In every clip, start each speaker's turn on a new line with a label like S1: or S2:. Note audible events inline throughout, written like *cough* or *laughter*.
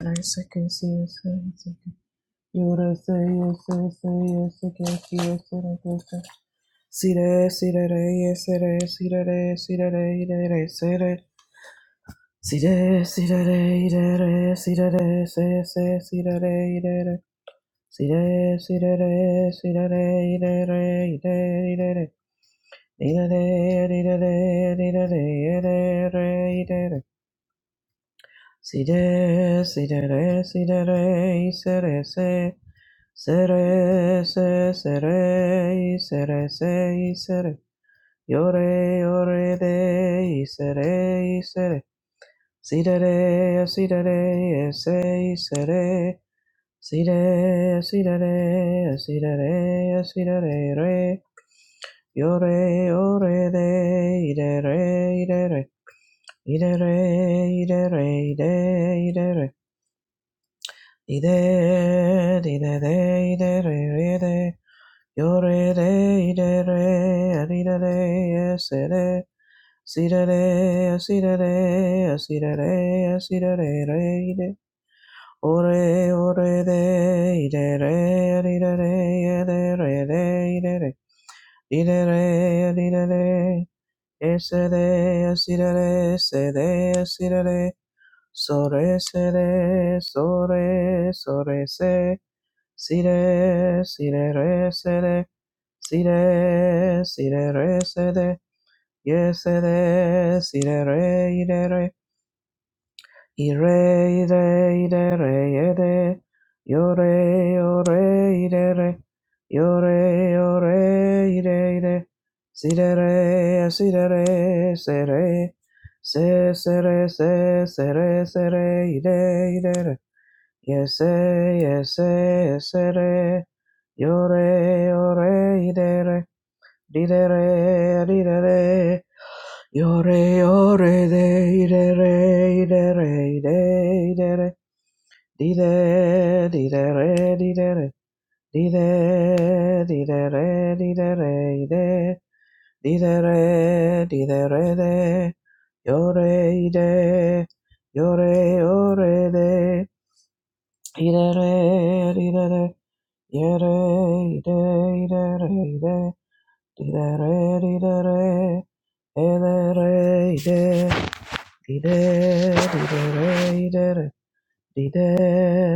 S1: Yes, I can see you, sir. You da say yes, sir, say yes, I can see you, sir, I can see. See that, see that, yes, sir, see that, see that, see that, that, see that. See that, see that, that, see that, say, say, see that, that. See that, see that, see that, that, that, that. Need a day, need a day, need a day, Si de, si de re, si de re, y se re se, se re se, se re, y se re se, y se re, yo re, yo re de, y se re, y se re, si de re, si de re, y se, y se re, si de, si de re, si de re, si de re, re, yo re, yo re de, y de re, y de re, y de re, y de re, y de, y de re. Ide, ide, de, ide, re, re, de, yo, de, ide, re, ari, de, de, es, de, de, si, de, de, así, de, de, así, de, de, así, de, re, ide, ore, ore, de, ide, re, ari, de, de, e, de, re, de, ide, re, ide, re, ari, de, de, es, de, si, de, así, de, de, si, de, así, de, sore, so, se, de, sore, sore, se, Si re si re, re sire, sire, si re, sire, ye, sire, si re, ire, re, ire, re ire, re, i re, re, ye, de, yo, re, yo, re, ire, re, re, yo, re, yo, re, ire, re sire, re, sire, re, re si re re se, re se, sire, re ire, re se re, i re, i re, re, Yes, eh, yes, eh, yes, eh, re. Yo re, yo re, ide re, di re, di de re. Yo re, yo re, de, i re, ide re, ide de, re. Di de, re, di re. Di de, re, di re, i de. Di de re, di re, de. Yo re, i Yo re, yo re, de. I re, di re. Yere, ide, ide, re, ide, dide, re, dide, re, ele, re, ide, dide, dide, re, ide, re, dide,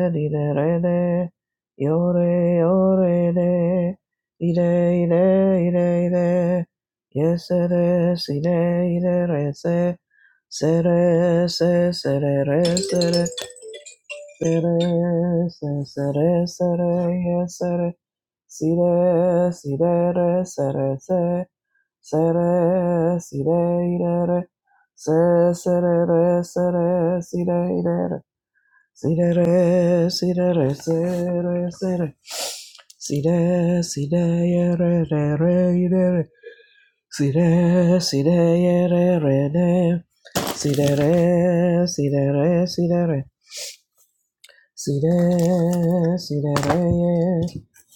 S1: dide, re, De yore, yore, de ide, ide, ide, ide, Yes, it is. Ide, ide, re, se, se, re, se, se, re, re, se, re. Sere, se- sere, sere, ye, sere. Sire, sire, re, sere, se. Sere, sire, ire, re. Se, sere, re, sere, sire, ire, re. Sire, re, sire, re, sere, sere. Sire, sire, ye, re, re, re, ire, re. Sire, sire, ye, re, re, re. Sire, re, sire, re, sire, re. Sire, sire, re,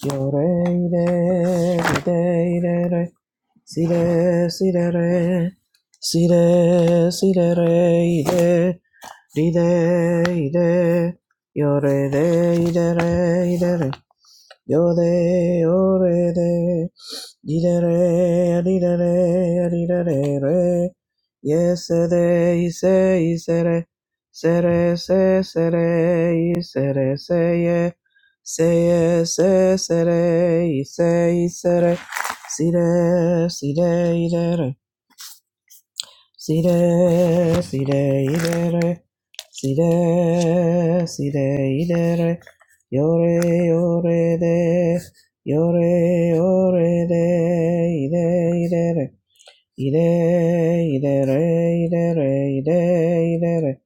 S1: yo, re, re, re, re, re, sire, sire, re, sire, sire, re, re, re, re, re, yo, re, re, re, re, re, Yore, yore, de, didere, didere, didere, re. Yes, de, ise, isere, sere, se, sere, isere, se, ye. Se, ye, se, sere, ise, isere, sire, sire, idere. Sire, sire, idere, sire, sire, idere, yore, yore, de, yore, yore, de, ide, idere, ide, idere, idere, ide, idere,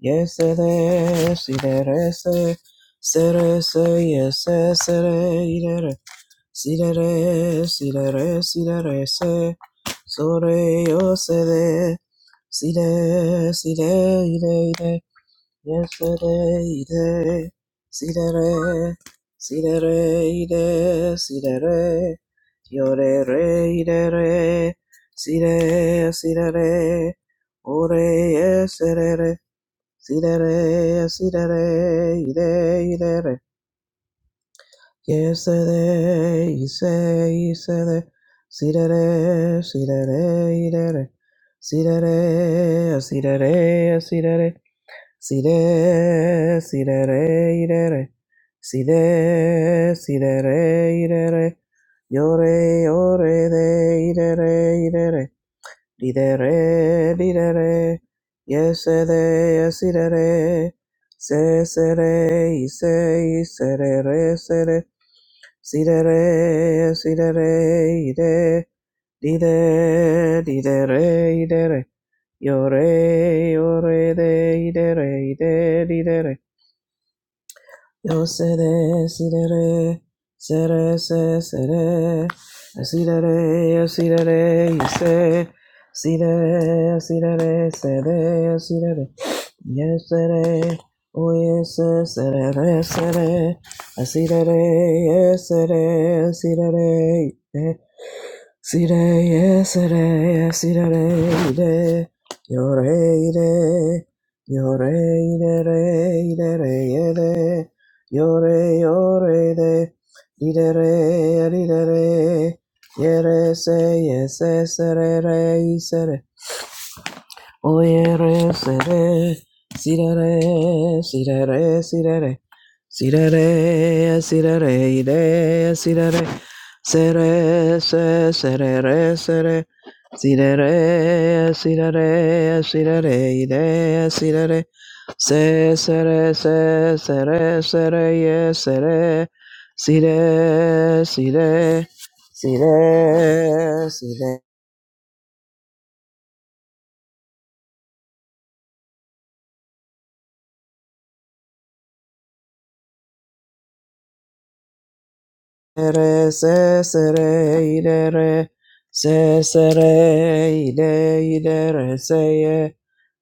S1: yese, de, sire, se, sere, se, yese, sere, idere, Si re re, si re re, si re re se, so re yo se de, si de, si de, ide, ide, yes se de, ide, si re re, si re re, ide, si re re, yo re re, ide re, si re, si re re, o re yes se re re, si re re, si re re, ide, ide re. Yesterday, yesterday, yesterday, yesterday, yesterday, yesterday, yesterday, yesterday, yesterday, yesterday, yesterday, yesterday, yore, yore, de, yesterday, yesterday, yesterday, yesterday, yesterday, yesterday, yesterday, yesterday, yesterday, yesterday, Si de re, si de re, i de, di de, di de re, i de re, yo re, yo re de, i de re, i de, di de re. Yo sere sere sere sere sere sere yo sere yo se sere sere sere yo sere yo sere o yes sere sere sere sere yo sere sere Sire, yes, sire, sire, ire, yore, ire, yore, ire, re, ire, re, ire, yore, yore, ire, ire, re, ire, re, yere, se, yes, sire, re, Oyere sere sirere sirere sirere sirere sirere ire sirere sere se serere sere sirere sirere sirere ire sirere se sere se sere sere ye sere sire sire sire sire Ere se se re ide re se sere ide ide re se ye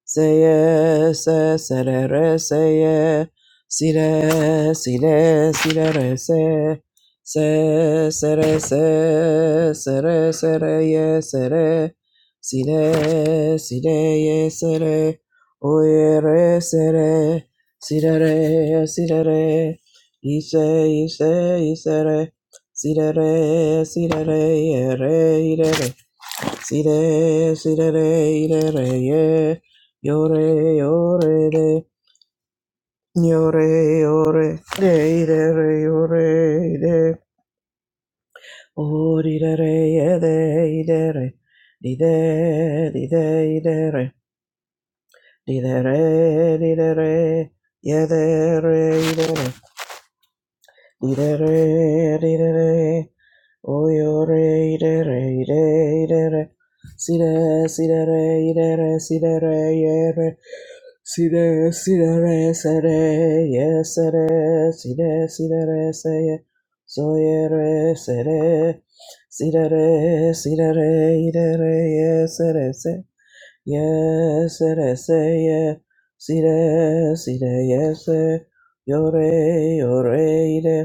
S1: se ye se se re re se ye si re si re si re re se se se re se se re se re ye se re si re si re ye sere o ye re se re si re re si re re ise ise ise re Si da re, si da re, re, re, si da, si da re re, re yo re, Sirere, sirere, yere, re yo re, de, de, re irere, re Yore, re de. Yore, re, di de, irere, re di de. Orirere, re, idere. Dide, re idere. Didere, re, yedere, re, Dee-da-da, dee-da-da. Oh, yo, re, de, re, de, de, re. Si, de, si, de, re, de, re, si, de, re, ye, re. Si, de, si, de, re, se, de, ye, se, de. Si, de, si, de, re, se, ye. So, ye, re, se, de. Si, de, re, si, de, re, de, re, ye, se, re se. Ye, se, de, se, ye. Si, de, si, de, ye, se. Yo, re, yo, re, de.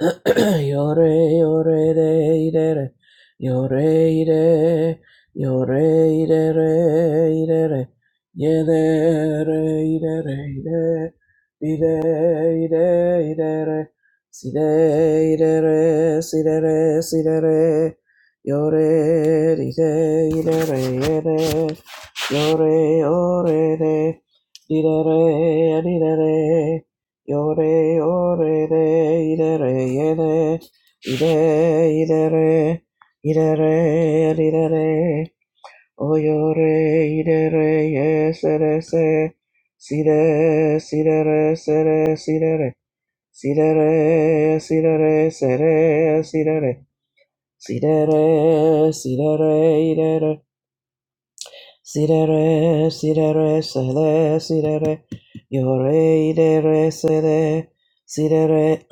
S1: *clears throat* Yore, yore, re, ire, re. Yore, ire. Yore, ire, re, ire, re. Yede, re, ire, re, ire. Ide, ide, ide, re. Side, ide, re, side, re, side, re. Yore, ide, ide, re, yede. Yore, yore, re. Ide, re, ide, re. Yore, yore, de, idere, yede, ide, idere, idere, idere, o yore, idere, yesere, se, side, sidere, sere, sidere, sidere, sidere, sere, sidere, sidere, sidere, idere, sidere, sidere, sede, sidere, yore, idere, sede,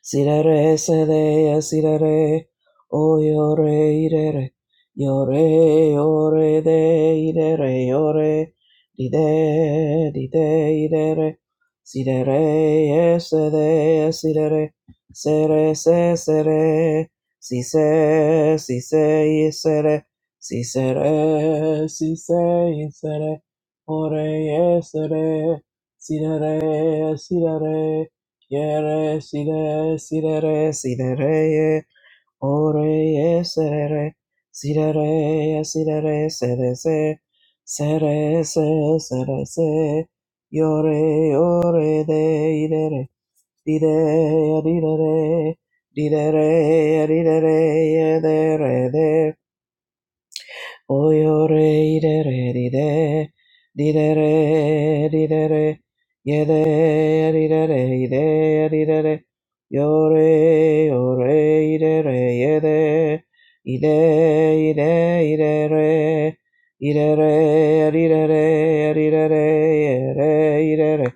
S1: Sirere sede sirere o yore irere yore yore de irere yore dide dide irere sirere sede sirere sere se sere si se si se isere si sere si se isere ore yesere sirere sirere Yere sidere sidere sidere ore sere sidere sidere sere se sere se sere se yore ore de idere dide didere didere didere yedere Oyore idere dide didere didere yede didere ide didere yore yore idere yede ide ide idere idere didere didere yere idere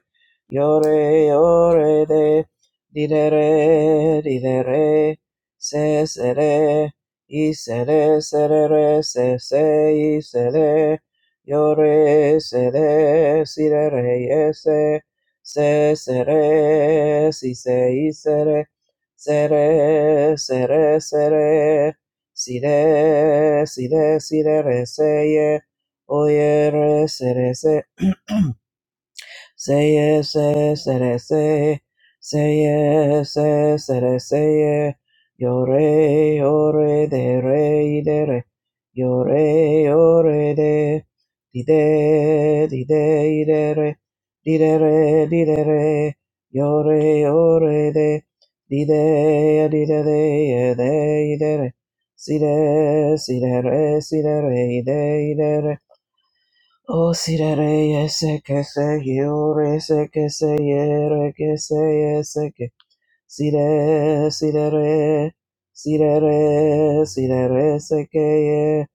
S1: yore yore de didere didere sesere Isere sere re se se isere yore sere sire re yese se sere si se isere sere sere sere sire sire sire re se ye oye re sere se *clears throat* Say yeah, say, yes, say that, say. Say yeah, say, yes, say that, say yeah. Yo re, yo re, de re, de re. Yo re, yo re, de. Di de, di de, de re. Di de re, di de re. Yo re, yo re, de. Di de, di de, de, de, de re. Si de, si de re, si de re, de, de re. O sirere yese kese yore se kese yere kese yese ke sire sirere sirere sirere se ke ye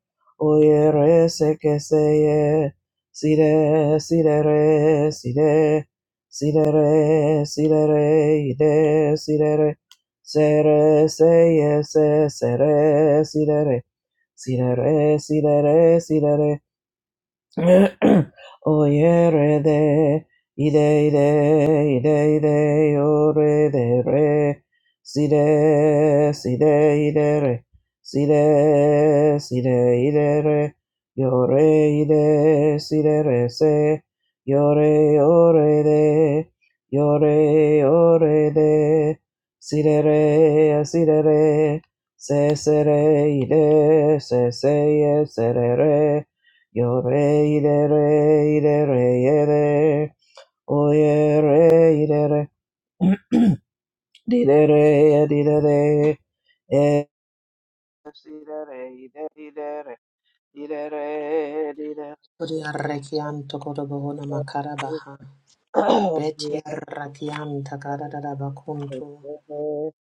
S1: o yere se kese ye sire sirere sire sirere sirere ide sirere sere se yese sere sirere sirere sirere sirere *coughs* *clears throat* Oye, re de, ide ide ide ide o re de re, si de si de ide re, si de si de ide re, yo re ide si de re se, yo re o re de, yo re o re de, si de re si de re, se se re ide se se ye se re re. Yo re ire re ire re ire oye re ire re *clears throat* dire re dire re re e dire re re ire dire re dire re
S2: Kodiya rakianto kodobohona makarabaha. Betia rakianta kadadabakuntu.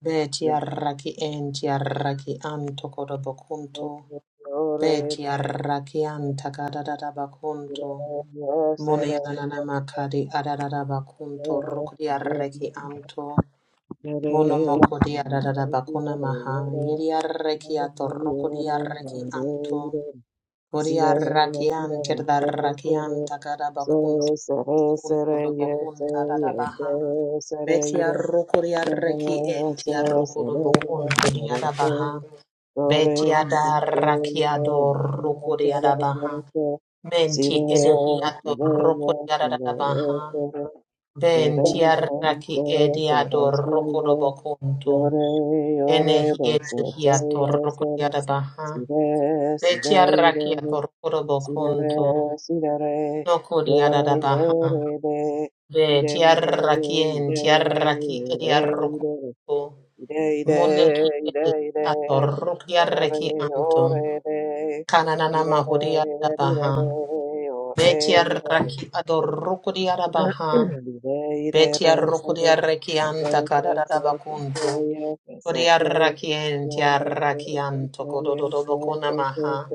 S2: Betia raki entia raki anto kodobokuntu. Betia rakianta kadadabakuntu. Munianana makadi adadabakuntu rukudia reki anto. Monomoko dia da da da bakuna maha.
S1: dire *clears throat*
S2: Yedia
S1: Sire,
S2: rekiato rukudia reki anto. Koria
S1: sire,
S2: rakian tirda rakian Kodiarrakian Kedarrakian Takarabakunto
S1: sire,
S2: Kunto Dobokun Tarabaha Betia
S1: sire,
S2: Rukuriarreki Entia Rukurubokun Kodiarabaha Betia Darrakiado Rukuriarabaha Menti Edehiato Rukuriarabaha
S1: sire, Yore,
S2: Bentia Raki Ediado Rukurubokunto Enehietihiato Rukuriarabaha Betia Rakiato Rukurubokunto No kodiara da baha. Ve tiara kien tiara ki ediarroco. Mone ki ediator kiara ki anto. Kananana mahudia da baha. Ve tiara ki adorroco diada baha. Ve tiarroco diara ki anta
S1: Sidere,
S2: kadara da
S1: sidere,
S2: bacunto. Kodiara kien tiara ki anto kododo bocona maha.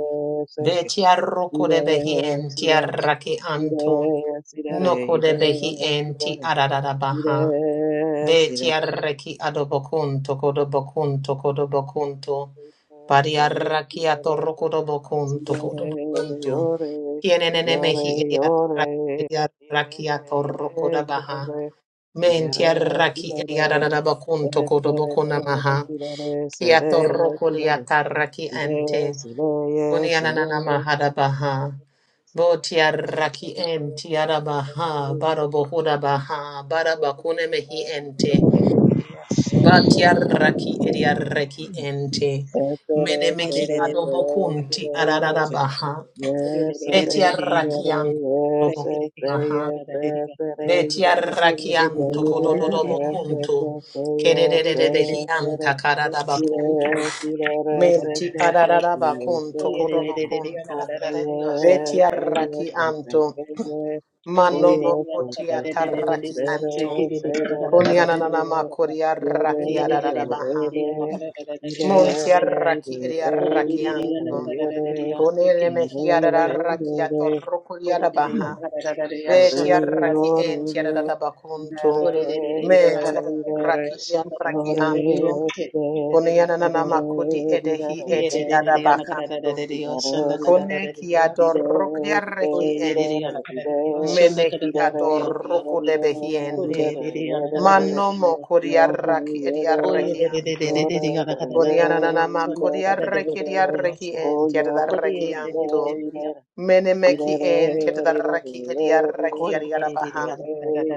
S2: Ve tiarroco de behien
S1: sidere,
S2: tiara ki anto. No kodebehi enti adadadabaha. Beti
S1: Esere,
S2: arreki adobocunto codobocunto codobocunto. Pari arraki atorrocodobocunto codobocunto. Kienenemehi ediarraki atorrocodabaha. Menti
S1: sidere,
S2: arraki ediadadabocunto codobocunamaha.
S1: sere, sidere,
S2: Kiatorrocodiatarraki ente.
S1: Yes,
S2: Uniananamahadabaha. Votiaraki en tiarabaha, barobohodabaha, barabakune mehi ente, batiaraki ediareki ente, menemeki adobokunti ararabaha, betiarakian dobokunaha, betiarakian tokododobokuntu, kerererehian takaradabakuntu, menti ararabakuntu kodobokuntu,
S1: Say yes, say yes,
S2: betiaraki
S1: and say
S2: anto.
S1: say yes. Oh
S2: Manomo
S1: yes, and
S2: kotia
S1: say say
S2: taraki
S1: say
S2: anto.
S1: yes, say yes, and say
S2: Koniananama
S1: yes.
S2: koria
S1: Yore,
S2: raki adarabaha.
S1: yore, re. Ire,
S2: Montia
S1: re, re,
S2: raki eria
S1: re,
S2: raki anto.
S1: ire,
S2: Konele
S1: re,
S2: mehia
S1: yere. Ire, yore,
S2: raki
S1: re.
S2: atorokuria rabaha.
S1: Yore,
S2: Vetia raki
S1: yore,
S2: entia
S1: re. Ire,
S2: radabakunto.
S1: re, ire,
S2: Mentia
S1: ire, re.
S2: raki eria
S1: Yore,
S2: raki
S1: re.
S2: anto.
S1: Ire, re, ire, re, re,
S2: Koniananama kodi
S1: ire,
S2: edehi eti
S1: re,
S2: adabakanto.
S1: ire, re, ire, re.
S2: Kone kia dorokria
S1: Oh,
S2: raki ente menehi adorroco de behiente. Manno mo curiarraki ediarrechianto. Boniananama curiarreki ediarreki enti edarrechianto. Menemeki enti edarreki ediarreki adiarabaha.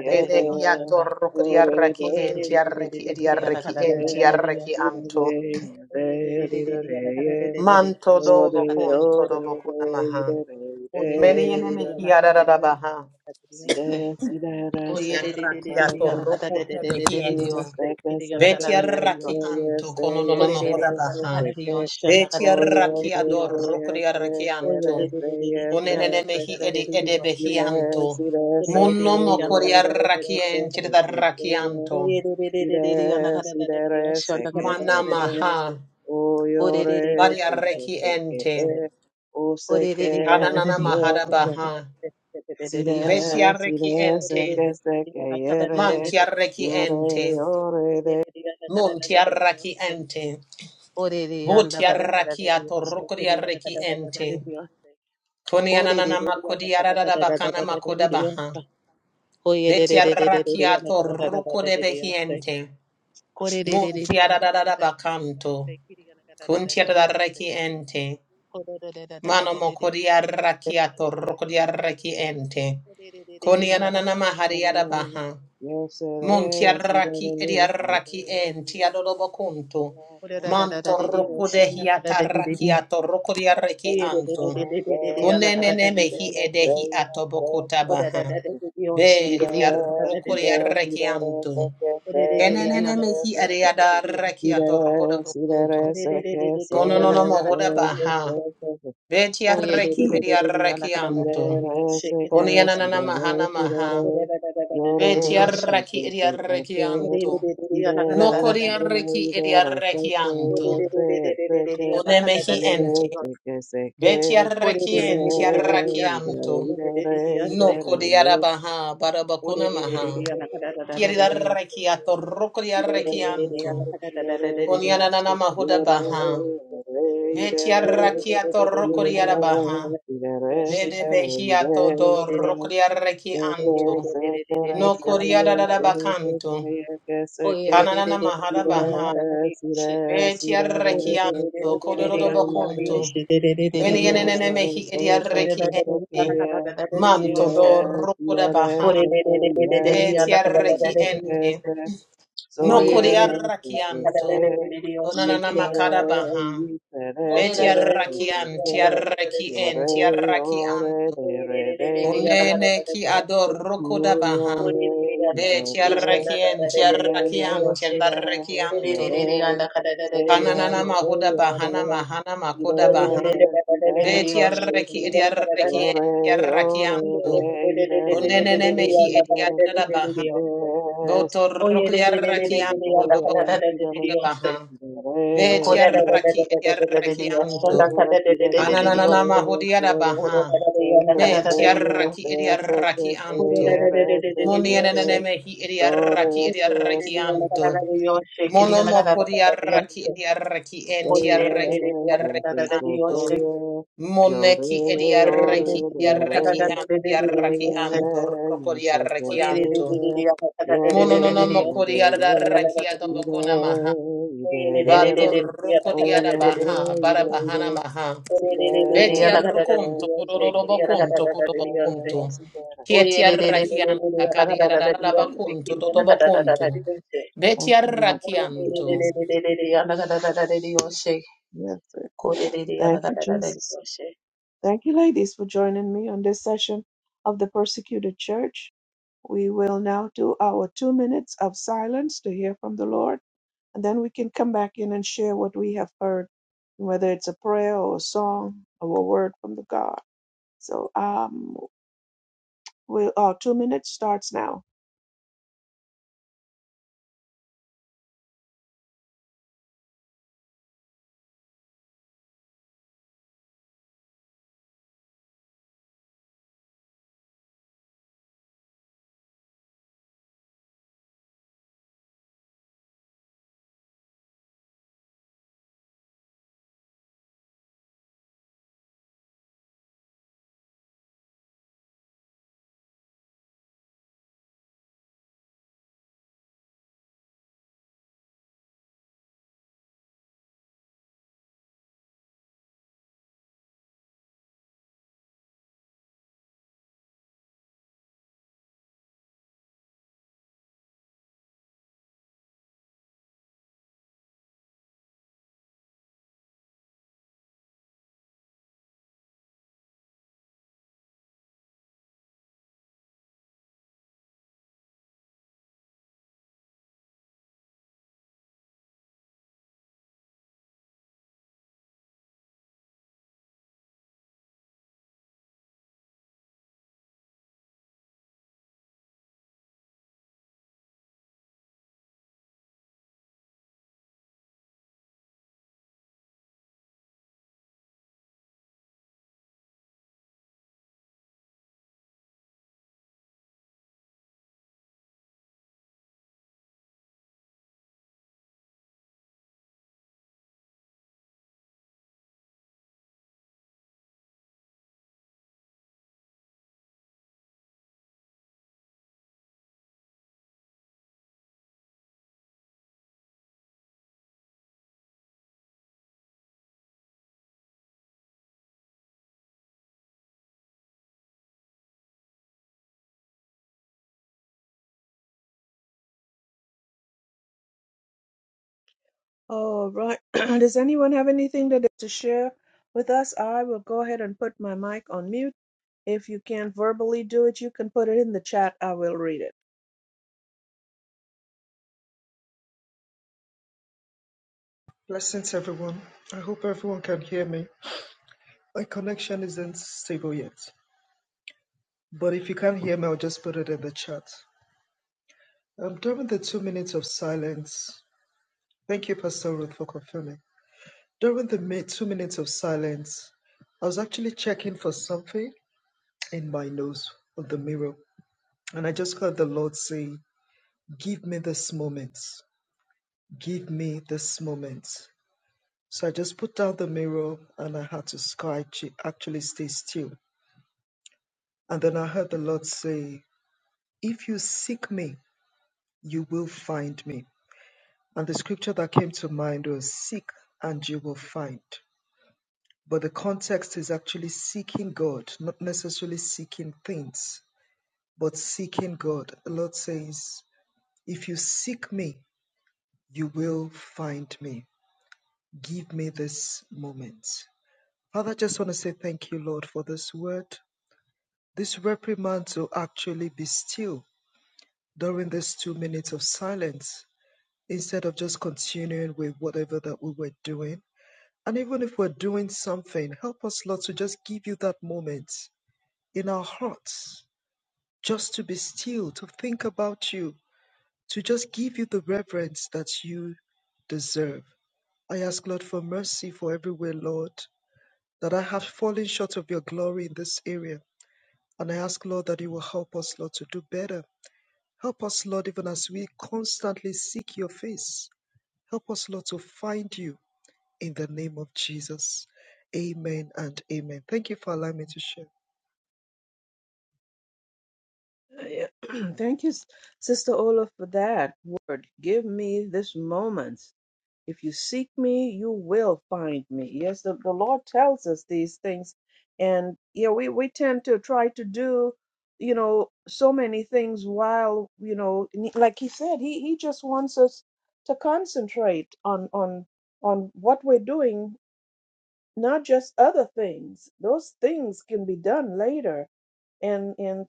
S2: Enehi adorroco diarreki enti arreki ediarreki enti arrechianto. Manto
S1: Yo de
S2: dobo conto
S1: yo de
S2: dobo
S1: de de
S2: conamaha.
S1: de
S2: Meni
S1: de de
S2: enemi
S1: de.
S2: hiararabaha.
S1: Si de si de se que
S2: Kuriaraki
S1: se de
S2: ato
S1: que
S2: roku te
S1: se de
S2: behiente.
S1: yes se que se que yes
S2: Vetiaraki anto
S1: se
S2: kono no no
S1: yes se yes se
S2: mohoda
S1: que
S2: baha.
S1: se que oh yes
S2: Vetiaraki
S1: se
S2: ador
S1: que yes se
S2: rokuriaraki
S1: se
S2: anto.
S1: de se yes
S2: Kunenene
S1: se se
S2: mehi
S1: que
S2: edi ede
S1: si
S2: behianto.
S1: de si de se que
S2: Munno mo
S1: yo de
S2: kuriaraki
S1: se que
S2: ente
S1: se
S2: da raki
S1: que
S2: anto.
S1: Ire, sidere, seke, seke,
S2: Manamaha.
S1: o yore, seke,
S2: Variareki
S1: seke,
S2: ente.
S1: e, o seke,
S2: Ananana
S1: sire,
S2: mahada baha.
S1: sire, sire,
S2: Vetiaraki
S1: sire,
S2: ente.
S1: seke, seke, yere,
S2: Mantiaraki
S1: yore,
S2: ente.
S1: yore, de,
S2: Muntiaraki ente. Votiarrakia torrokodiarreki ente. Konianana makodiarada bakana makodabaha. Vetiarrakia torrokodebehi ente. Muntiarada bakanto. Kuntiarraki ente. Mano mokodiarrakia torrokodiarreki ente. Konianana mahariada
S1: yore,
S2: baha.
S1: yesere,
S2: Monti
S1: de sere,
S2: Montiarraki
S1: sire,
S2: ediarraki en
S1: sire,
S2: tiadodobocunto.
S1: o sire,
S2: Manto
S1: ire, sidere,
S2: rocodehiata
S1: sire,
S2: rakiato rocodiarreki
S1: sere,
S2: anto.
S1: sere, sere,
S2: Conenene mehi
S1: ire,
S2: edehi
S1: sere,
S2: atobocota
S1: sere,
S2: baha.
S1: sere, Yes,
S2: Ve tiarrocodiarreki anto. Kenenene mehi ediadarreki ato rocodobocunto. Cononono mohoda baha. Ve tiarreki ediarreki anto. Conianana mahana maha. Ve tiarraki ediarreki anto. No coriarreki ediarrechianto, conemehi ente, beti betiarrechienti arrachianto, no coriarabaha,
S1: Yes,
S2: barabacunamaha, chiariarrechiato, rocoriarrechianto, coniananamahuda baha, betiarrachiato, rocoriarabaha, bede behiato do rocoriarrechianto, no coriarabacanto, cananamahada baha, betiarrechianto, codorodobaconto, Many an enemy
S1: Yore,
S2: he
S1: yore,
S2: idiareki ente. Manto do rokoda baha. Betiareki ente. No kodiarakianto. Onanana makada baha. Betiarakian tiareki ente. Tiarakianto.
S1: de, re, de,
S2: Unene ki ador rokoda baha.
S1: ire,
S2: Betiarekien
S1: Yes, yes,
S2: tiarakian
S1: yes, yes,
S2: tiarakianto. Kananana mahuda bahana mahana makoda baha. Veti arreki edi arreki enti arraki antu. Unenene mehi edi arada baha. Boto roku di arraki antu dobo kuntu kuda baha. Veti
S1: yes,
S2: arraki edi arraki antu. Ananana mahudi ada baha. Menti arraki edi arraki antu. Muni enene mehi edi arraki edi arraki
S1: yes, yes,
S2: antu. Mono moko di arraki edi arraki enti
S1: ye
S2: arraki edi
S1: yore,
S2: arraki
S1: yore,
S2: antu. Moneki ediarreki ediarreki
S1: dore.
S2: antiarraki anto
S1: Seye, ye- se- se-
S2: rocodiarreki anto.
S1: seye, yore,
S2: Mononono
S1: yore, dore.
S2: mocodiarraki
S1: Ire,
S2: adobocona maha.
S1: ire,
S2: Bato
S1: dere. O
S2: rocodiada
S1: yore,
S2: baha,
S1: ire,
S2: barabahana
S1: ire.
S2: maha. Betia
S1: Sire,
S2: rocunto,
S1: sire, sire,
S2: cododobocunto,
S1: sire,
S2: codobocunto.
S1: sire.
S2: Kietia rakianta, cadiada
S1: Hallelujah.
S2: bacunto, dodobocunto. Betia
S1: Thank you, Lord. Thank you,
S2: rakianto.
S1: Jesus. Yes, sir. Thank you, Jesus. Thank you, ladies, for joining me on this session of the persecuted church. We will now do our two minutes of silence to hear from the Lord, and then we can come back in and share what we have heard, whether it's a prayer or a song or a word from the God. So, um, we'll, our two minutes starts now. All right. *clears throat* Does anyone have anything that to share with us? I will go ahead and put my mic on mute. If you can't verbally do it, you can put it in the chat. I will read it.
S3: Blessings, everyone. I hope everyone can hear me. My connection isn't stable yet, but if you can't hear me, I'll just put it in the chat. Um, during the two minutes of silence, thank you, Pastor Ruth, for confirming. During the mi- two minutes of silence, I was actually checking for something in my nose of the mirror, and I just heard the Lord say, Give me this moment. Give me this moment. So I just put down the mirror and I had to sky actually stay still And then I heard the Lord say, If you seek me, you will find me. And the scripture that came to mind was, Seek and you will find. But the context is actually seeking God, not necessarily seeking things, but seeking God. The Lord says, If you seek me, you will find me. Give me this moment. Father, I just want to say thank you, Lord, for this word, this reprimand to actually be still during these two minutes of silence instead of just continuing with whatever that we were doing. And even if we're doing something, help us, Lord, to just give you that moment in our hearts, just to be still, to think about you, to just give you the reverence that you deserve. I ask, Lord, for mercy for everywhere, Lord, that I have fallen short of your glory in this area. And I ask, Lord, that you will help us, Lord, to do better. Help us, Lord, even as we constantly seek your face. Help us, Lord, to find you in the name of Jesus. Amen and amen. Thank you for allowing me to share.
S1: Yeah. *clears throat* Thank you, S- Sister Ola, for that word. Give me this moment. If you seek me, you will find me. Yes, the, the Lord tells us these things. And yeah, we, we tend to try to do, you know, so many things while, you know, and he- like he said, he, he just wants us to concentrate on on on what we're doing, not just other things. Those things can be done later. and and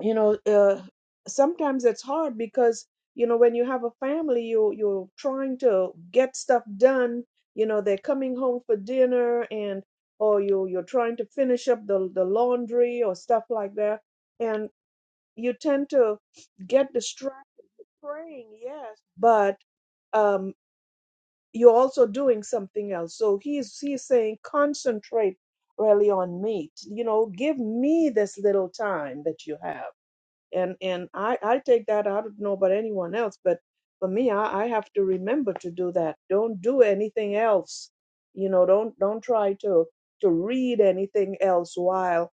S1: you know uh, sometimes it's hard because you know when you have a family you you're trying to get stuff done you know they're coming home for dinner and or you you're trying to finish up the the laundry or stuff like that and you tend to get distracted praying yes but um you're also doing something else so he's he's saying concentrate really on me you know give me this little time that you have and and I I take that I don't know about anyone else, but for me I I have to remember to do that. Don't do anything else. You know, don't don't try to to read anything else while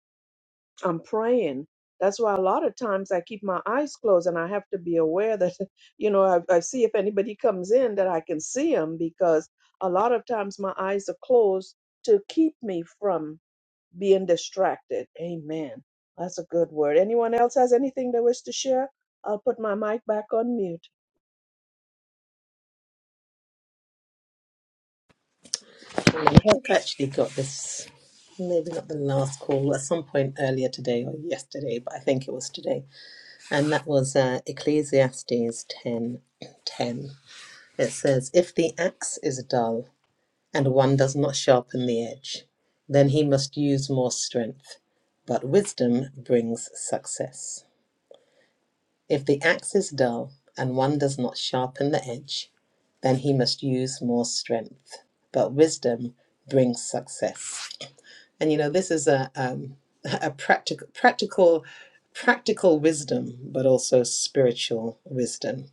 S1: I'm praying. That's why a lot of times I keep my eyes closed and I have to be aware that *laughs* you know I, I see if anybody comes in that I can see them because a lot of times my eyes are closed to keep me from being distracted. Amen. That's a good word. Anyone else has anything they wish to share? I'll put my mic back on mute.
S2: Mm, I think I actually got this, maybe not the last call, at some point earlier today or yesterday, but I think it was today. And that was uh, Ecclesiastes ten, ten. It says, If the axe is dull and one does not sharpen the edge, then he must use more strength. But wisdom brings success. If the axe is dull and one does not sharpen the edge, then he must use more strength. But wisdom brings success. And you know, this is a um, *laughs* a practical, practical, practical wisdom, but also spiritual wisdom.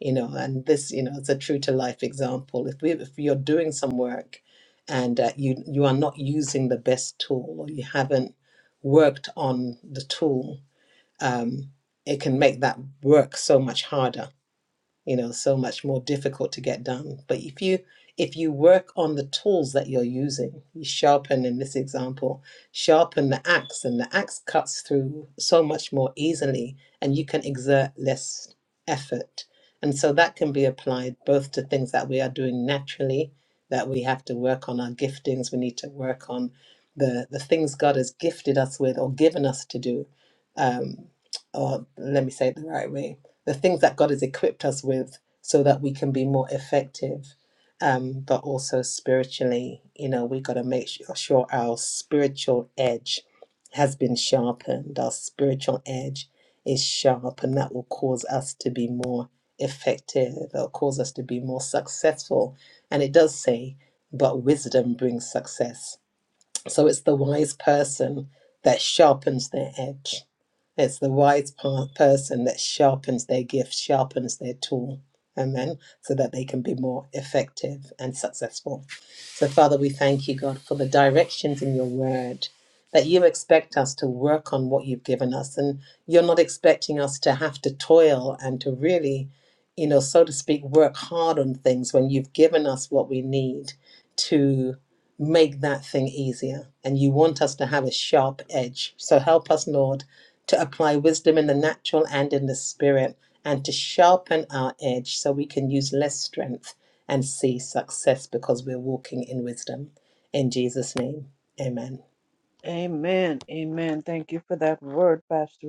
S2: You know, and this, you know, it's a true to life example. If we, if you're doing some work, and uh, you you are not using the best tool, or you haven't worked on the tool, um, it can make that work so much harder you know so much more difficult to get done but if you if you work on the tools that you're using you sharpen in this example sharpen the axe and the axe cuts through so much more easily and you can exert less effort and so that can be applied both to things that we are doing naturally that we have to work on our giftings we need to work on the the things god has gifted us with or given us to do um or let me say it the right way the things that God has equipped us with so that we can be more effective. Um, but also spiritually, you know, we got to make su- sure our spiritual edge has been sharpened, our spiritual edge is sharp, and that will cause us to be more effective, that'll cause us to be more successful. And it does say, but wisdom brings success. So it's the wise person that sharpens their edge it's the wise pa- person that sharpens their gift, sharpens their tool. Amen. So that they can be more effective and successful. So, Father, we thank you, God, for the directions in your word that you expect us to work on what you've given us. And you're not expecting us to have to toil and to really, you know, so to speak, work hard on things when you've given us what we need to make that thing easier. And you want us to have a sharp edge. So help us, Lord, to apply wisdom in the natural and in the spirit, and to sharpen our edge so we can use less strength and see success because we're walking in wisdom. In Jesus' name, amen.
S1: Amen. Amen. Thank you for that word, Pastor.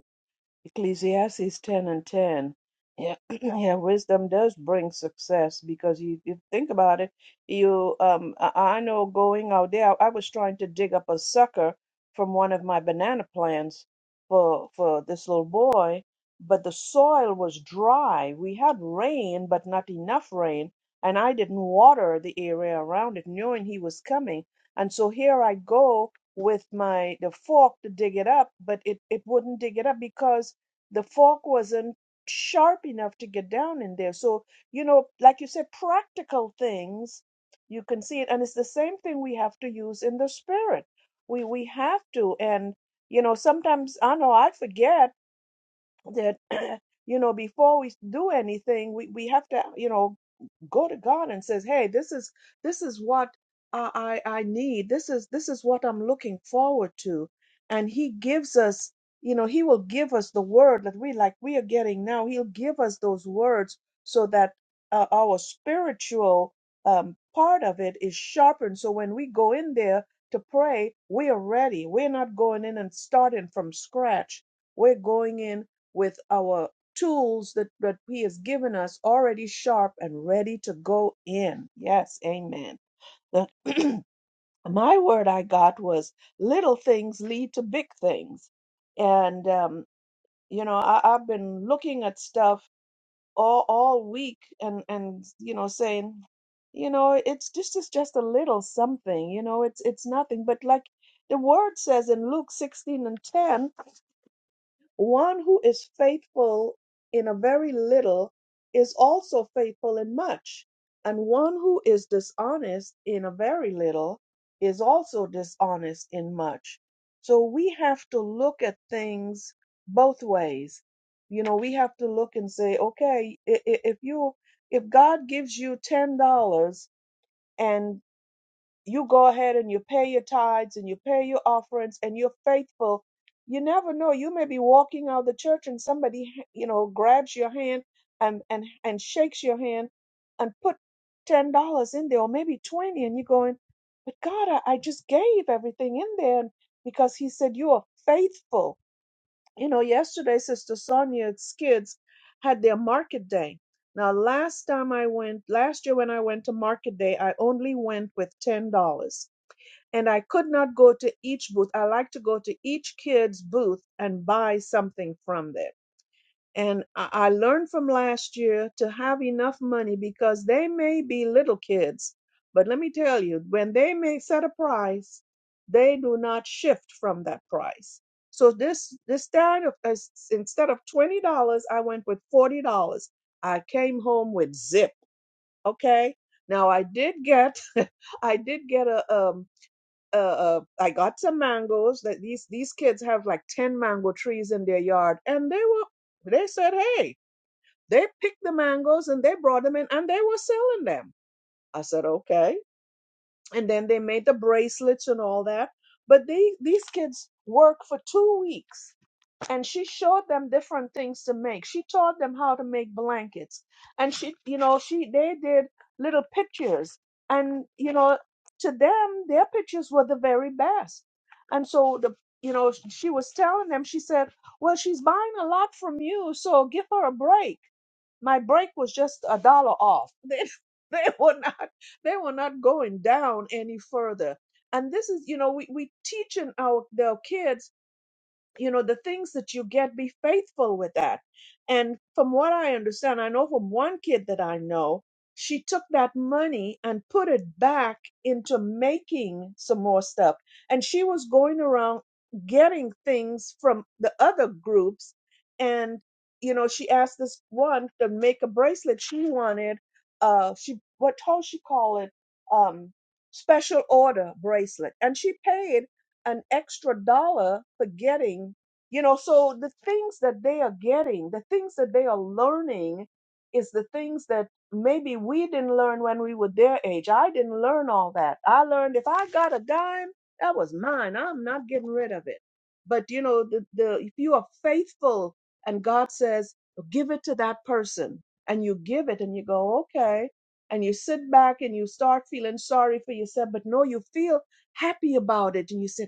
S1: Ecclesiastes 10 and 10. Yeah, *clears throat* yeah, wisdom does bring success because you, you think about it. You, um, I, I know going out there, I was trying to dig up a sucker from one of my banana plants for for this little boy, but the soil was dry. We had rain, but not enough rain, and I didn't water the area around it, knowing he was coming. And so here I go with my the fork to dig it up, but it it wouldn't dig it up because the fork wasn't sharp enough to get down in there. So, you know, like you said, practical things, you can see it. And it's the same thing we have to use in the spirit. We we have to. And, you know, sometimes I know I forget that, *clears throat* you know, before we do anything, we, we have to, you know, go to god and says hey this is this is what i i, I need this is this is what i'm looking forward to and he gives us you know he will give us the word that we like we are getting now he'll give us those words so that uh, our spiritual um, part of it is sharpened so when we go in there to pray we are ready we're not going in and starting from scratch we're going in with our tools that, that He has given us already sharp and ready to go in. Yes, amen. The, *clears throat* my word I got was little things lead to big things. And, um, you know, I, I've been looking at stuff all, all week and, and, you know, saying, you know, it's just, it's just a little something, you know, it's, it's nothing. But like the word says in Luke 16 and 10, one who is faithful in a very little is also faithful in much. And one who is dishonest in a very little is also dishonest in much. So we have to look at things both ways. You know, we have to look and say, okay, i- i- if you, if God gives you $10 you go ahead and you pay your tithes and you pay your offerings and you're faithful you never know you may be walking out of the church and somebody you know grabs your hand and and and shakes your hand and put ten dollars in there or maybe twenty and you're going but god I, I just gave everything in there and because he said you are faithful you know yesterday sister sonia's kids had their market day now last time i went last year when i went to market day i only went with ten dollars and I could not go to each booth. I like to go to each kid's booth and buy something from them. And I I learned from last year to have enough money because they may be little kids, but let me tell you, when they may set a price, they do not shift from that price. So this this time of as- instead of twenty dollars, I went with forty dollars. I came home with zip. Okay. Now I did get *laughs* I did get a um uh, uh, I got some mangoes. That these these kids have like ten mango trees in their yard, and they were they said, hey, they picked the mangoes and they brought them in, and they were selling them. I said, okay. And then they made the bracelets and all that. But they, these kids work for two weeks and she showed them different things to make. She taught them how to make blankets, and she, you know, she they did little pictures, and you know, to them their pictures were the very best. And so the, you know, she was telling them. She said, "Well, she's buying a lot from you, so give her a break." My break was just a dollar off. *laughs* They, they were not, they were not going down any further. And this is, you know, we we teaching our their kids you know the things that you get be faithful with that and from what i understand i know from one kid that i know she took that money and put it back into making some more stuff and she was going around getting things from the other groups and you know she asked this one to make a bracelet she wanted uh she what how she call it um special order bracelet and she paid an extra dollar for getting, you know, so the things that they are getting, the things that they are learning is the things that maybe we didn't learn when we were their age. I didn't learn all that. I learned if I got a dime, that was mine. I'm not getting rid of it. But you know, the, the if you are faithful and God says, give it to that person and you give it and you go, okay. And you sit back and you start feeling sorry for yourself, but no, you feel happy about it and you said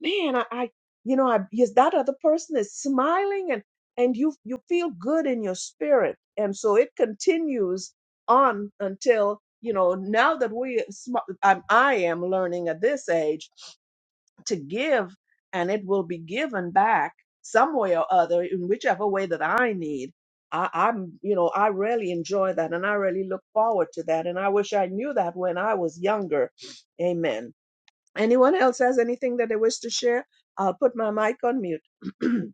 S1: man, I, I you know, I yes, that other person is smiling and and you you feel good in your spirit. And so it continues on until you know now that we sm- I'm, i am learning at this age to give and it will be given back some way or other in whichever way that i need I, i'm you know i really enjoy that and i really look forward to that and i wish i knew that when i was younger amen Anyone else has anything that they wish to share? I'll put my mic on mute. *clears throat*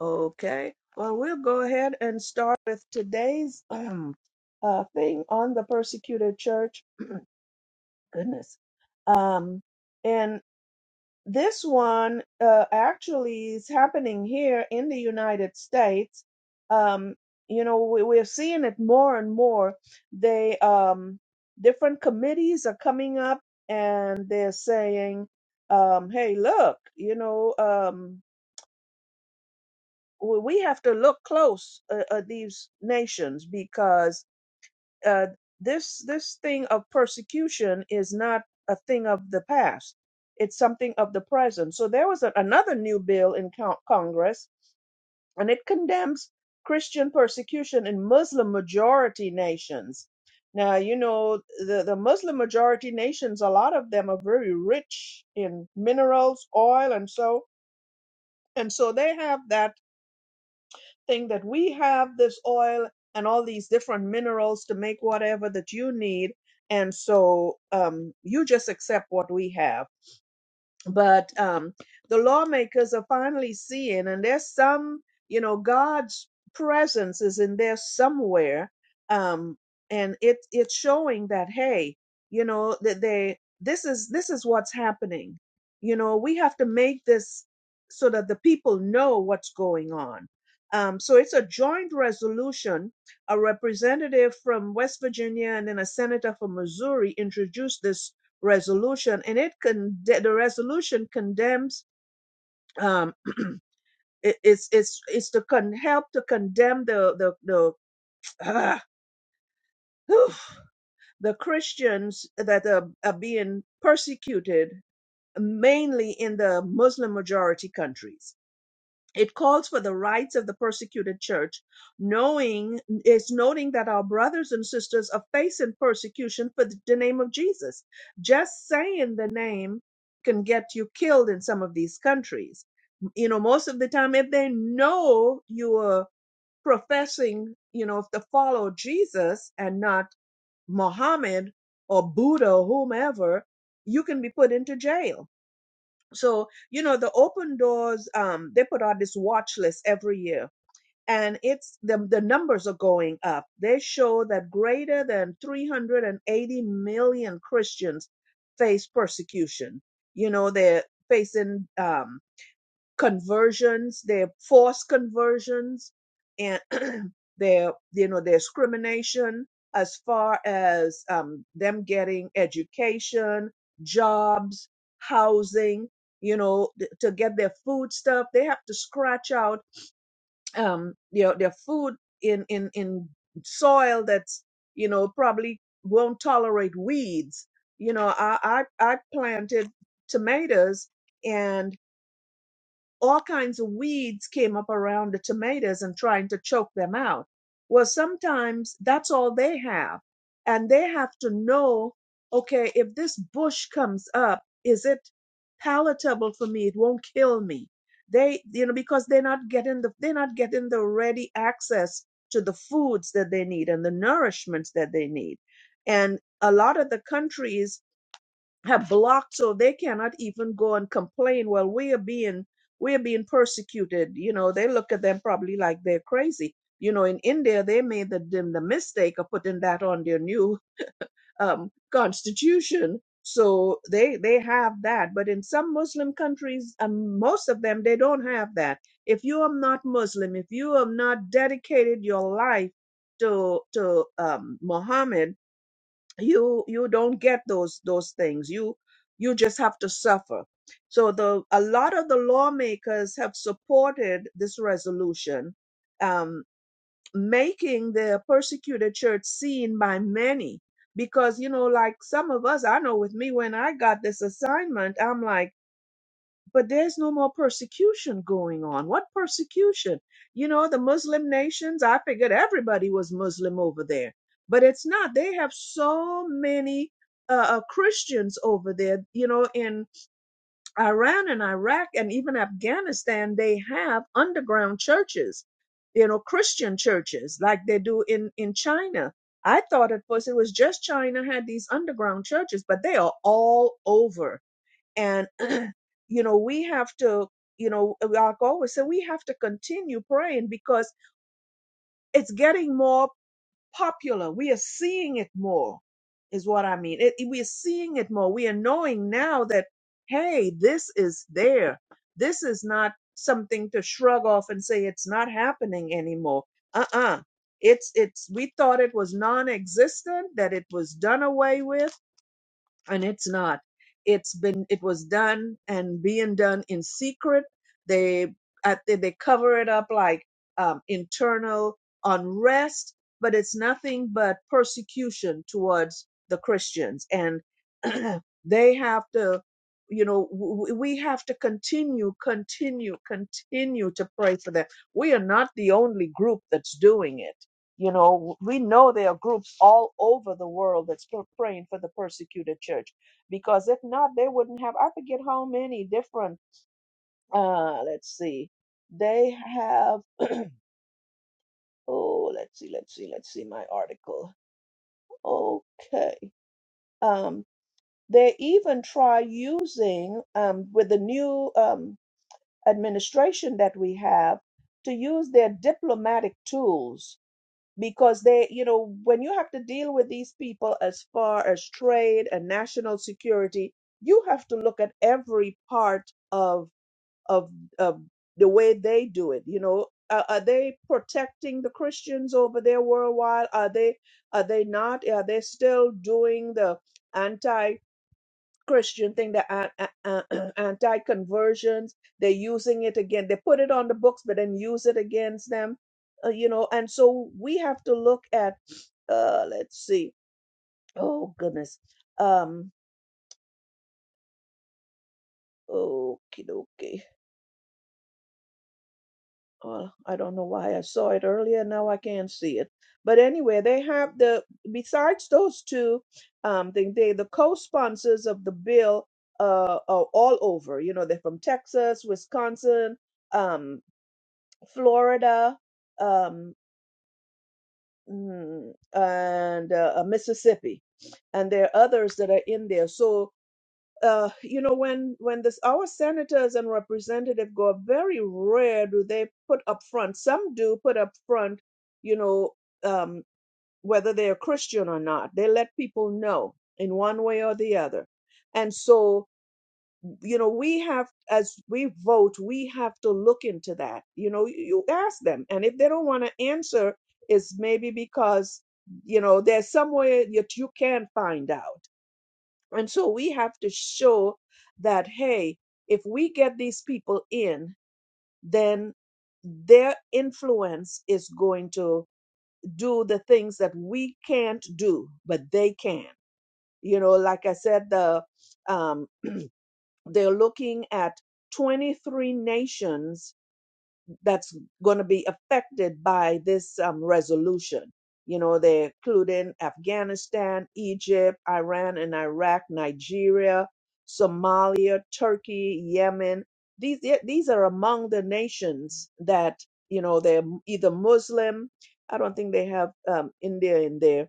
S1: okay. Well, we'll go ahead and start with today's um, uh, thing on the persecuted church. Goodness. Um, And. This one uh, actually is happening here in the United States. Um, you know, we, we're seeing it more and more. They um, different committees are coming up and they're saying, um, "Hey, look, you know, um, we we have to look close uh, at these nations because." uh, this this thing of persecution is not a thing of the past it's something of the present so there was a, another new bill in co- congress and it condemns christian persecution in muslim majority nations now you know the, the muslim majority nations a lot of them are very rich in minerals oil and so and so they have that thing that we have this oil and all these different minerals to make whatever that you need. And so um, you just accept what we have but um, the lawmakers are finally seeing, and there's some, you know, God's presence is in there somewhere, um, and it it's showing that hey, you know, that they this is this is what's happening. You know, we have to make this so that the people know what's going on. Um, so it's a joint resolution. A representative from West Virginia and then a senator from Missouri introduced this resolution, and it con- the resolution condemns. Um, *clears throat* it, it's it's it's to con- help to condemn the the the *sighs* uh, the Christians that are, are being persecuted mainly in the Muslim majority countries it calls for the rights of the persecuted church knowing it's noting that our brothers and sisters are facing persecution for the, the name of jesus just saying the name can get you killed in some of these countries you know most of the time if they know you are professing you know if to follow jesus and not muhammad or buddha or whomever you can be put into jail so you know the open doors um they put out this watch list every year and it's the the numbers are going up they show that greater than 380 million christians face persecution you know they're facing um conversions, their forced conversions, and *clears throat* their you know their discrimination as far as um, them getting education, jobs, housing, you know, th- to get their food stuff. They have to scratch out um, you know, their food in in in soil that's you know probably won't tolerate weeds. You know, I I, I planted tomatoes. And all kinds of weeds came up around the tomatoes and trying to choke them out. Well, sometimes that's all they have. And they have to know okay, if this bush comes up, is it palatable for me? It won't kill me. They, you know, because they're not getting the, they're not getting the ready access to the foods that they need and the nourishments that they need. And a lot of the countries have blocked so they cannot even go and complain well we are being we are being persecuted you know they look at them probably like they're crazy you know in india they made the the, the mistake of putting that on their new um, constitution so they they have that but in some muslim countries um, most of them they don't have that if you are not muslim if you have not dedicated your life to to um, muhammad you you don't get those those things you you just have to suffer so the a lot of the lawmakers have supported this resolution um making the persecuted church seen by many because you know like some of us i know with me when i got this assignment i'm like but there's no more persecution going on. What persecution? You know, the Muslim nations, I figured everybody was Muslim over there, but it's not. They have so many uh, uh, Christians over there, you know, in Iran and Iraq and even Afghanistan, they have underground churches, you know, Christian churches like they do in, in China. I thought at first it was just China had these underground churches, but they are all over and *clears throat* you know we have to you know like I always say we have to continue praying because it's getting more popular we are seeing it more is what i mean it, it- we are seeing it more we are knowing now that hey this is there this is not something to shrug off and say it's not happening anymore uh-uh it's it's we thought it was non-existent that it was done away with and it's not it's been it was done and being done in secret they I think they cover it up like um, internal unrest but it's nothing but persecution towards the christians and *clears throat* they have to you know w- we have to continue continue continue to pray for them we are not the only group that's doing it you know, we know there are groups all over the world that's pr- praying for the persecuted church because if not, they wouldn't have, I forget how many different, uh, let's see, they have, *clears throat* oh, let's see, let's see, let's see my article. Okay. Um, they even try using, um, with the new um, administration that we have, to use their diplomatic tools because they, you know, when you have to deal with these people as far as trade and national security, you have to look at every part of of of the way they do it. You know, uh, are they protecting the Christians over there worldwide? Are they are they not? Are they still doing the anti? Christian thing, the an- a- a- *clears throat* anti-conversions. They're using it again. They put it on the books, but then use it against them. Uh, you know, and so we have to look at. Uh, let's see. Oh goodness. Um. Okay. Okay. Well, I don't know why I saw it earlier. Now I can't see it. But anyway, they have the besides those two, um, they, they the co-sponsors of the bill uh, are all over. You know, they're from Texas, Wisconsin. Um, Florida, um, mm, and uh, uh, Mississippi, and there are others that are in there. So uh, you know, when when this our senators and representative go up, very rare do they put up front. Some do put up front, you know, um, whether they're Christian or not. They let people know in one way or the other, and so you know we have as we vote we have to look into that you know you ask them and if they don't want to answer it's maybe because you know there's somewhere that you can find out and so we have to show that hey if we get these people in then their influence is going to do the things that we can't do but they can you know like i said the um, they're looking at 23 nations that's going to be affected by this um, resolution. You know, they're including Afghanistan, Egypt, Iran and Iraq, Nigeria, Somalia, Turkey, Yemen. These, yeah, these are among the nations that, you know, they're either Muslim. I don't think they have um, India in there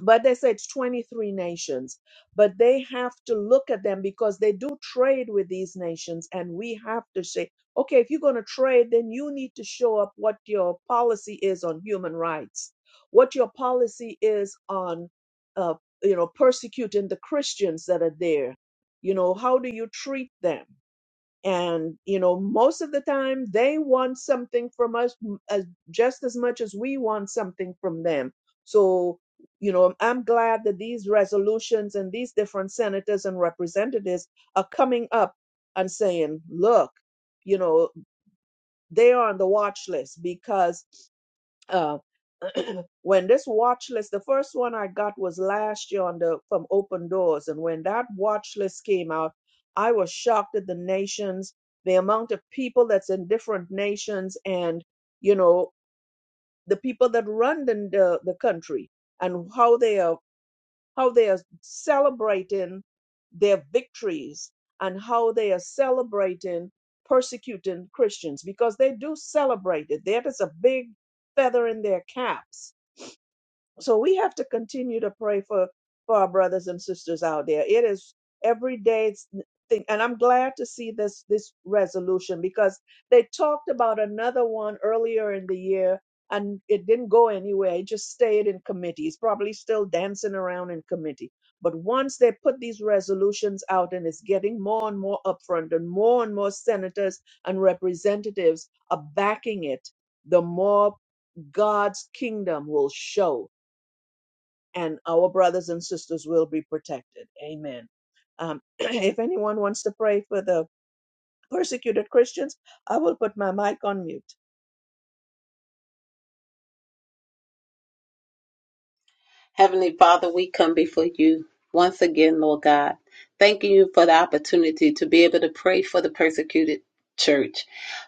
S1: but they say it's 23 nations but they have to look at them because they do trade with these nations and we have to say okay if you're going to trade then you need to show up what your policy is on human rights what your policy is on uh, you know persecuting the christians that are there you know how do you treat them and you know most of the time they want something from us as just as much as we want something from them so you know i'm glad that these resolutions and these different senators and representatives are coming up and saying look you know they are on the watch list because uh, *clears throat* when this watch list, the first one I got was last year on the from Open Doors, and when that watch list came out, I was shocked at the nations, the amount of people that's in different nations, and you know the people that run the the, the country and how they are how they are celebrating their victories and how they are celebrating persecuting Christians because they do celebrate it. That is a big feather in their caps so we have to continue to pray for, for our brothers and sisters out there. It is every day it's n- thing. And I'm glad to see this this resolution because they talked about another one earlier in the year and it didn't go anywhere. It just stayed in committee. It's probably still dancing around in committee. But once they put these resolutions out and it's getting more and more upfront and more and more senators and representatives are backing it, the more God's kingdom will show and our brothers and sisters will be protected. Amen. Um, *clears throat* if anyone wants to pray for the persecuted Christians, I will put my mic on mute.
S4: Heavenly Father, we come before you once again, Lord God, thanking you for the opportunity to be able to pray for the persecuted church.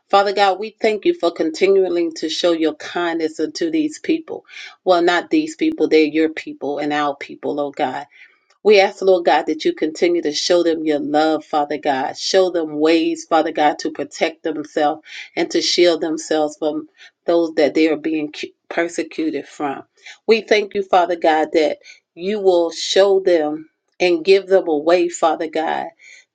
S4: Father God, we thank you for continuing to show your kindness unto these people. Well, not these people, they're your people and our people, Lord God. We ask, Lord God, that you continue to show them your love, Father God. Show them ways, Father God, to protect themselves and to shield themselves from those that they are being cu- persecuted from. We thank you, Father God, that you will show them and give them a way, Father God.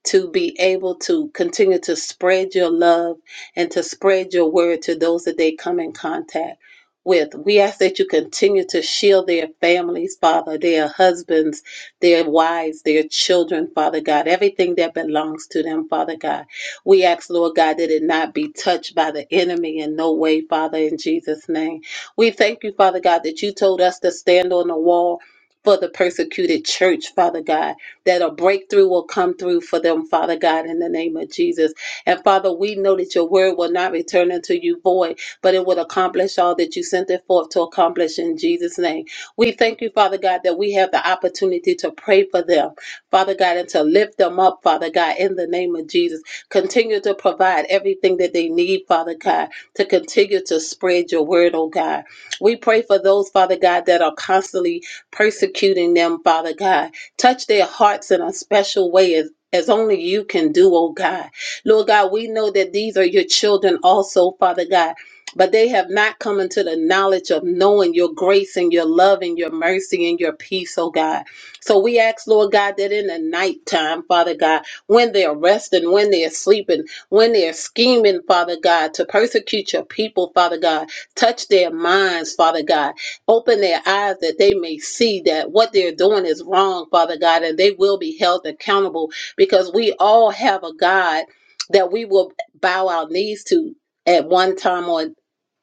S4: To be able to continue to spread your love and to spread your word to those that they come in contact with. We ask that you continue to shield their families, Father, their husbands, their wives, their children, Father God, everything that belongs to them, Father God. We ask, Lord God, that it not be touched by the enemy in no way, Father, in Jesus' name. We thank you, Father God, that you told us to stand on the wall. For the persecuted church, Father God, that a breakthrough will come through for them, Father God, in the name of Jesus. And Father, we know that your word will not return unto you void, but it will accomplish all that you sent it forth to accomplish in Jesus' name. We thank you, Father God, that we have the opportunity to pray for them, Father God, and to lift them up, Father God, in the name of Jesus. Continue to provide everything that they need, Father God, to continue to spread your word, oh God. We pray for those, Father God, that are constantly persecuting them, Father God. Touch their hearts in a special way as as only you can do, oh God. Lord God, we know that these are your children also, Father God but they have not come into the knowledge of knowing your grace and your love and your mercy and your peace, oh God. So we ask, Lord God, that in the nighttime, Father God, when they're resting, when they're sleeping, when they're scheming, Father God, to persecute your people, Father God, touch their minds, Father God, open their eyes that they may see that what they're doing is wrong, Father God, and they will be held accountable because we all have a God that we will bow our knees to at one time or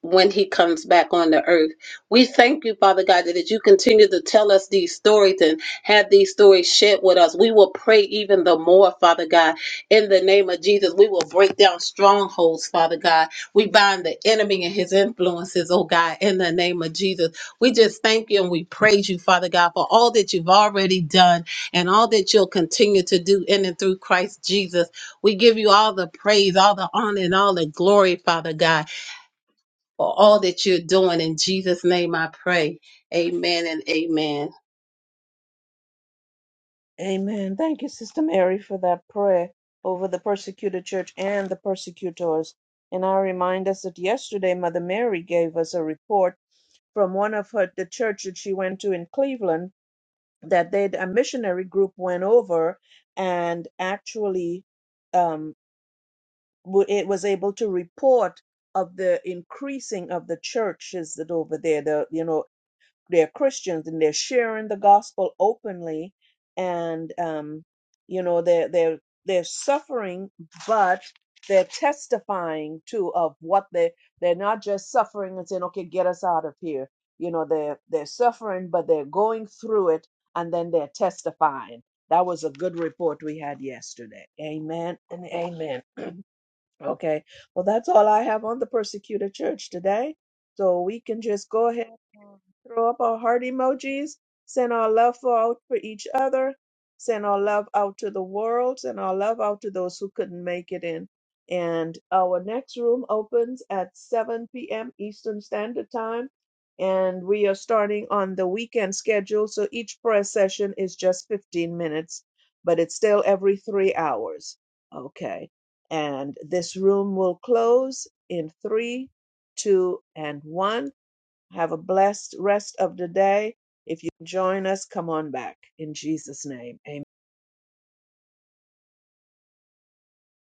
S4: when he comes back on the earth. We thank you, Father God, that as you continue to tell us these stories and have these stories shared with us, we will pray even the more, Father God. In the name of Jesus, we will break down strongholds, Father God. We bind the enemy and his influences, oh God, in the name of Jesus. We just thank you and we praise you, Father God, for all that you've already done and all that you'll continue to do in and through Christ Jesus. We give you all the praise, all the honor, and all the glory, Father God for all that you're doing. In Jesus' name I pray. Amen and amen.
S1: Amen. Thank you, Sister Mary, for that prayer over the persecuted church and the persecutors. And I remind us that yesterday Mother Mary gave us a report from one of her, the church that she went to in Cleveland that they a missionary group went over and actually um, wa- it was able to report of the increasing of the churches that over there the you know they're christians and they're sharing the gospel openly and um you know they're they're they're suffering but they're testifying too of what they they're not just suffering and saying okay get us out of here you know they're they're suffering but they're going through it and then they're testifying that was a good report we had yesterday amen and amen Okay. Well, that's all I have on the persecuted church today. So we can just go ahead and throw up our heart emojis, send our love for- out for each other, send our love out to the world, send our love out to those who couldn't make it in. And our next room opens at 7 p.m. Eastern Standard Time. And we are starting on the weekend schedule. So each prayer session is just 15 minutes, but it's still every three hours. Okay. And this room will close in three, two, and one. Have a blessed rest of the day. If you join us, come on back. In Jesus' name, amen.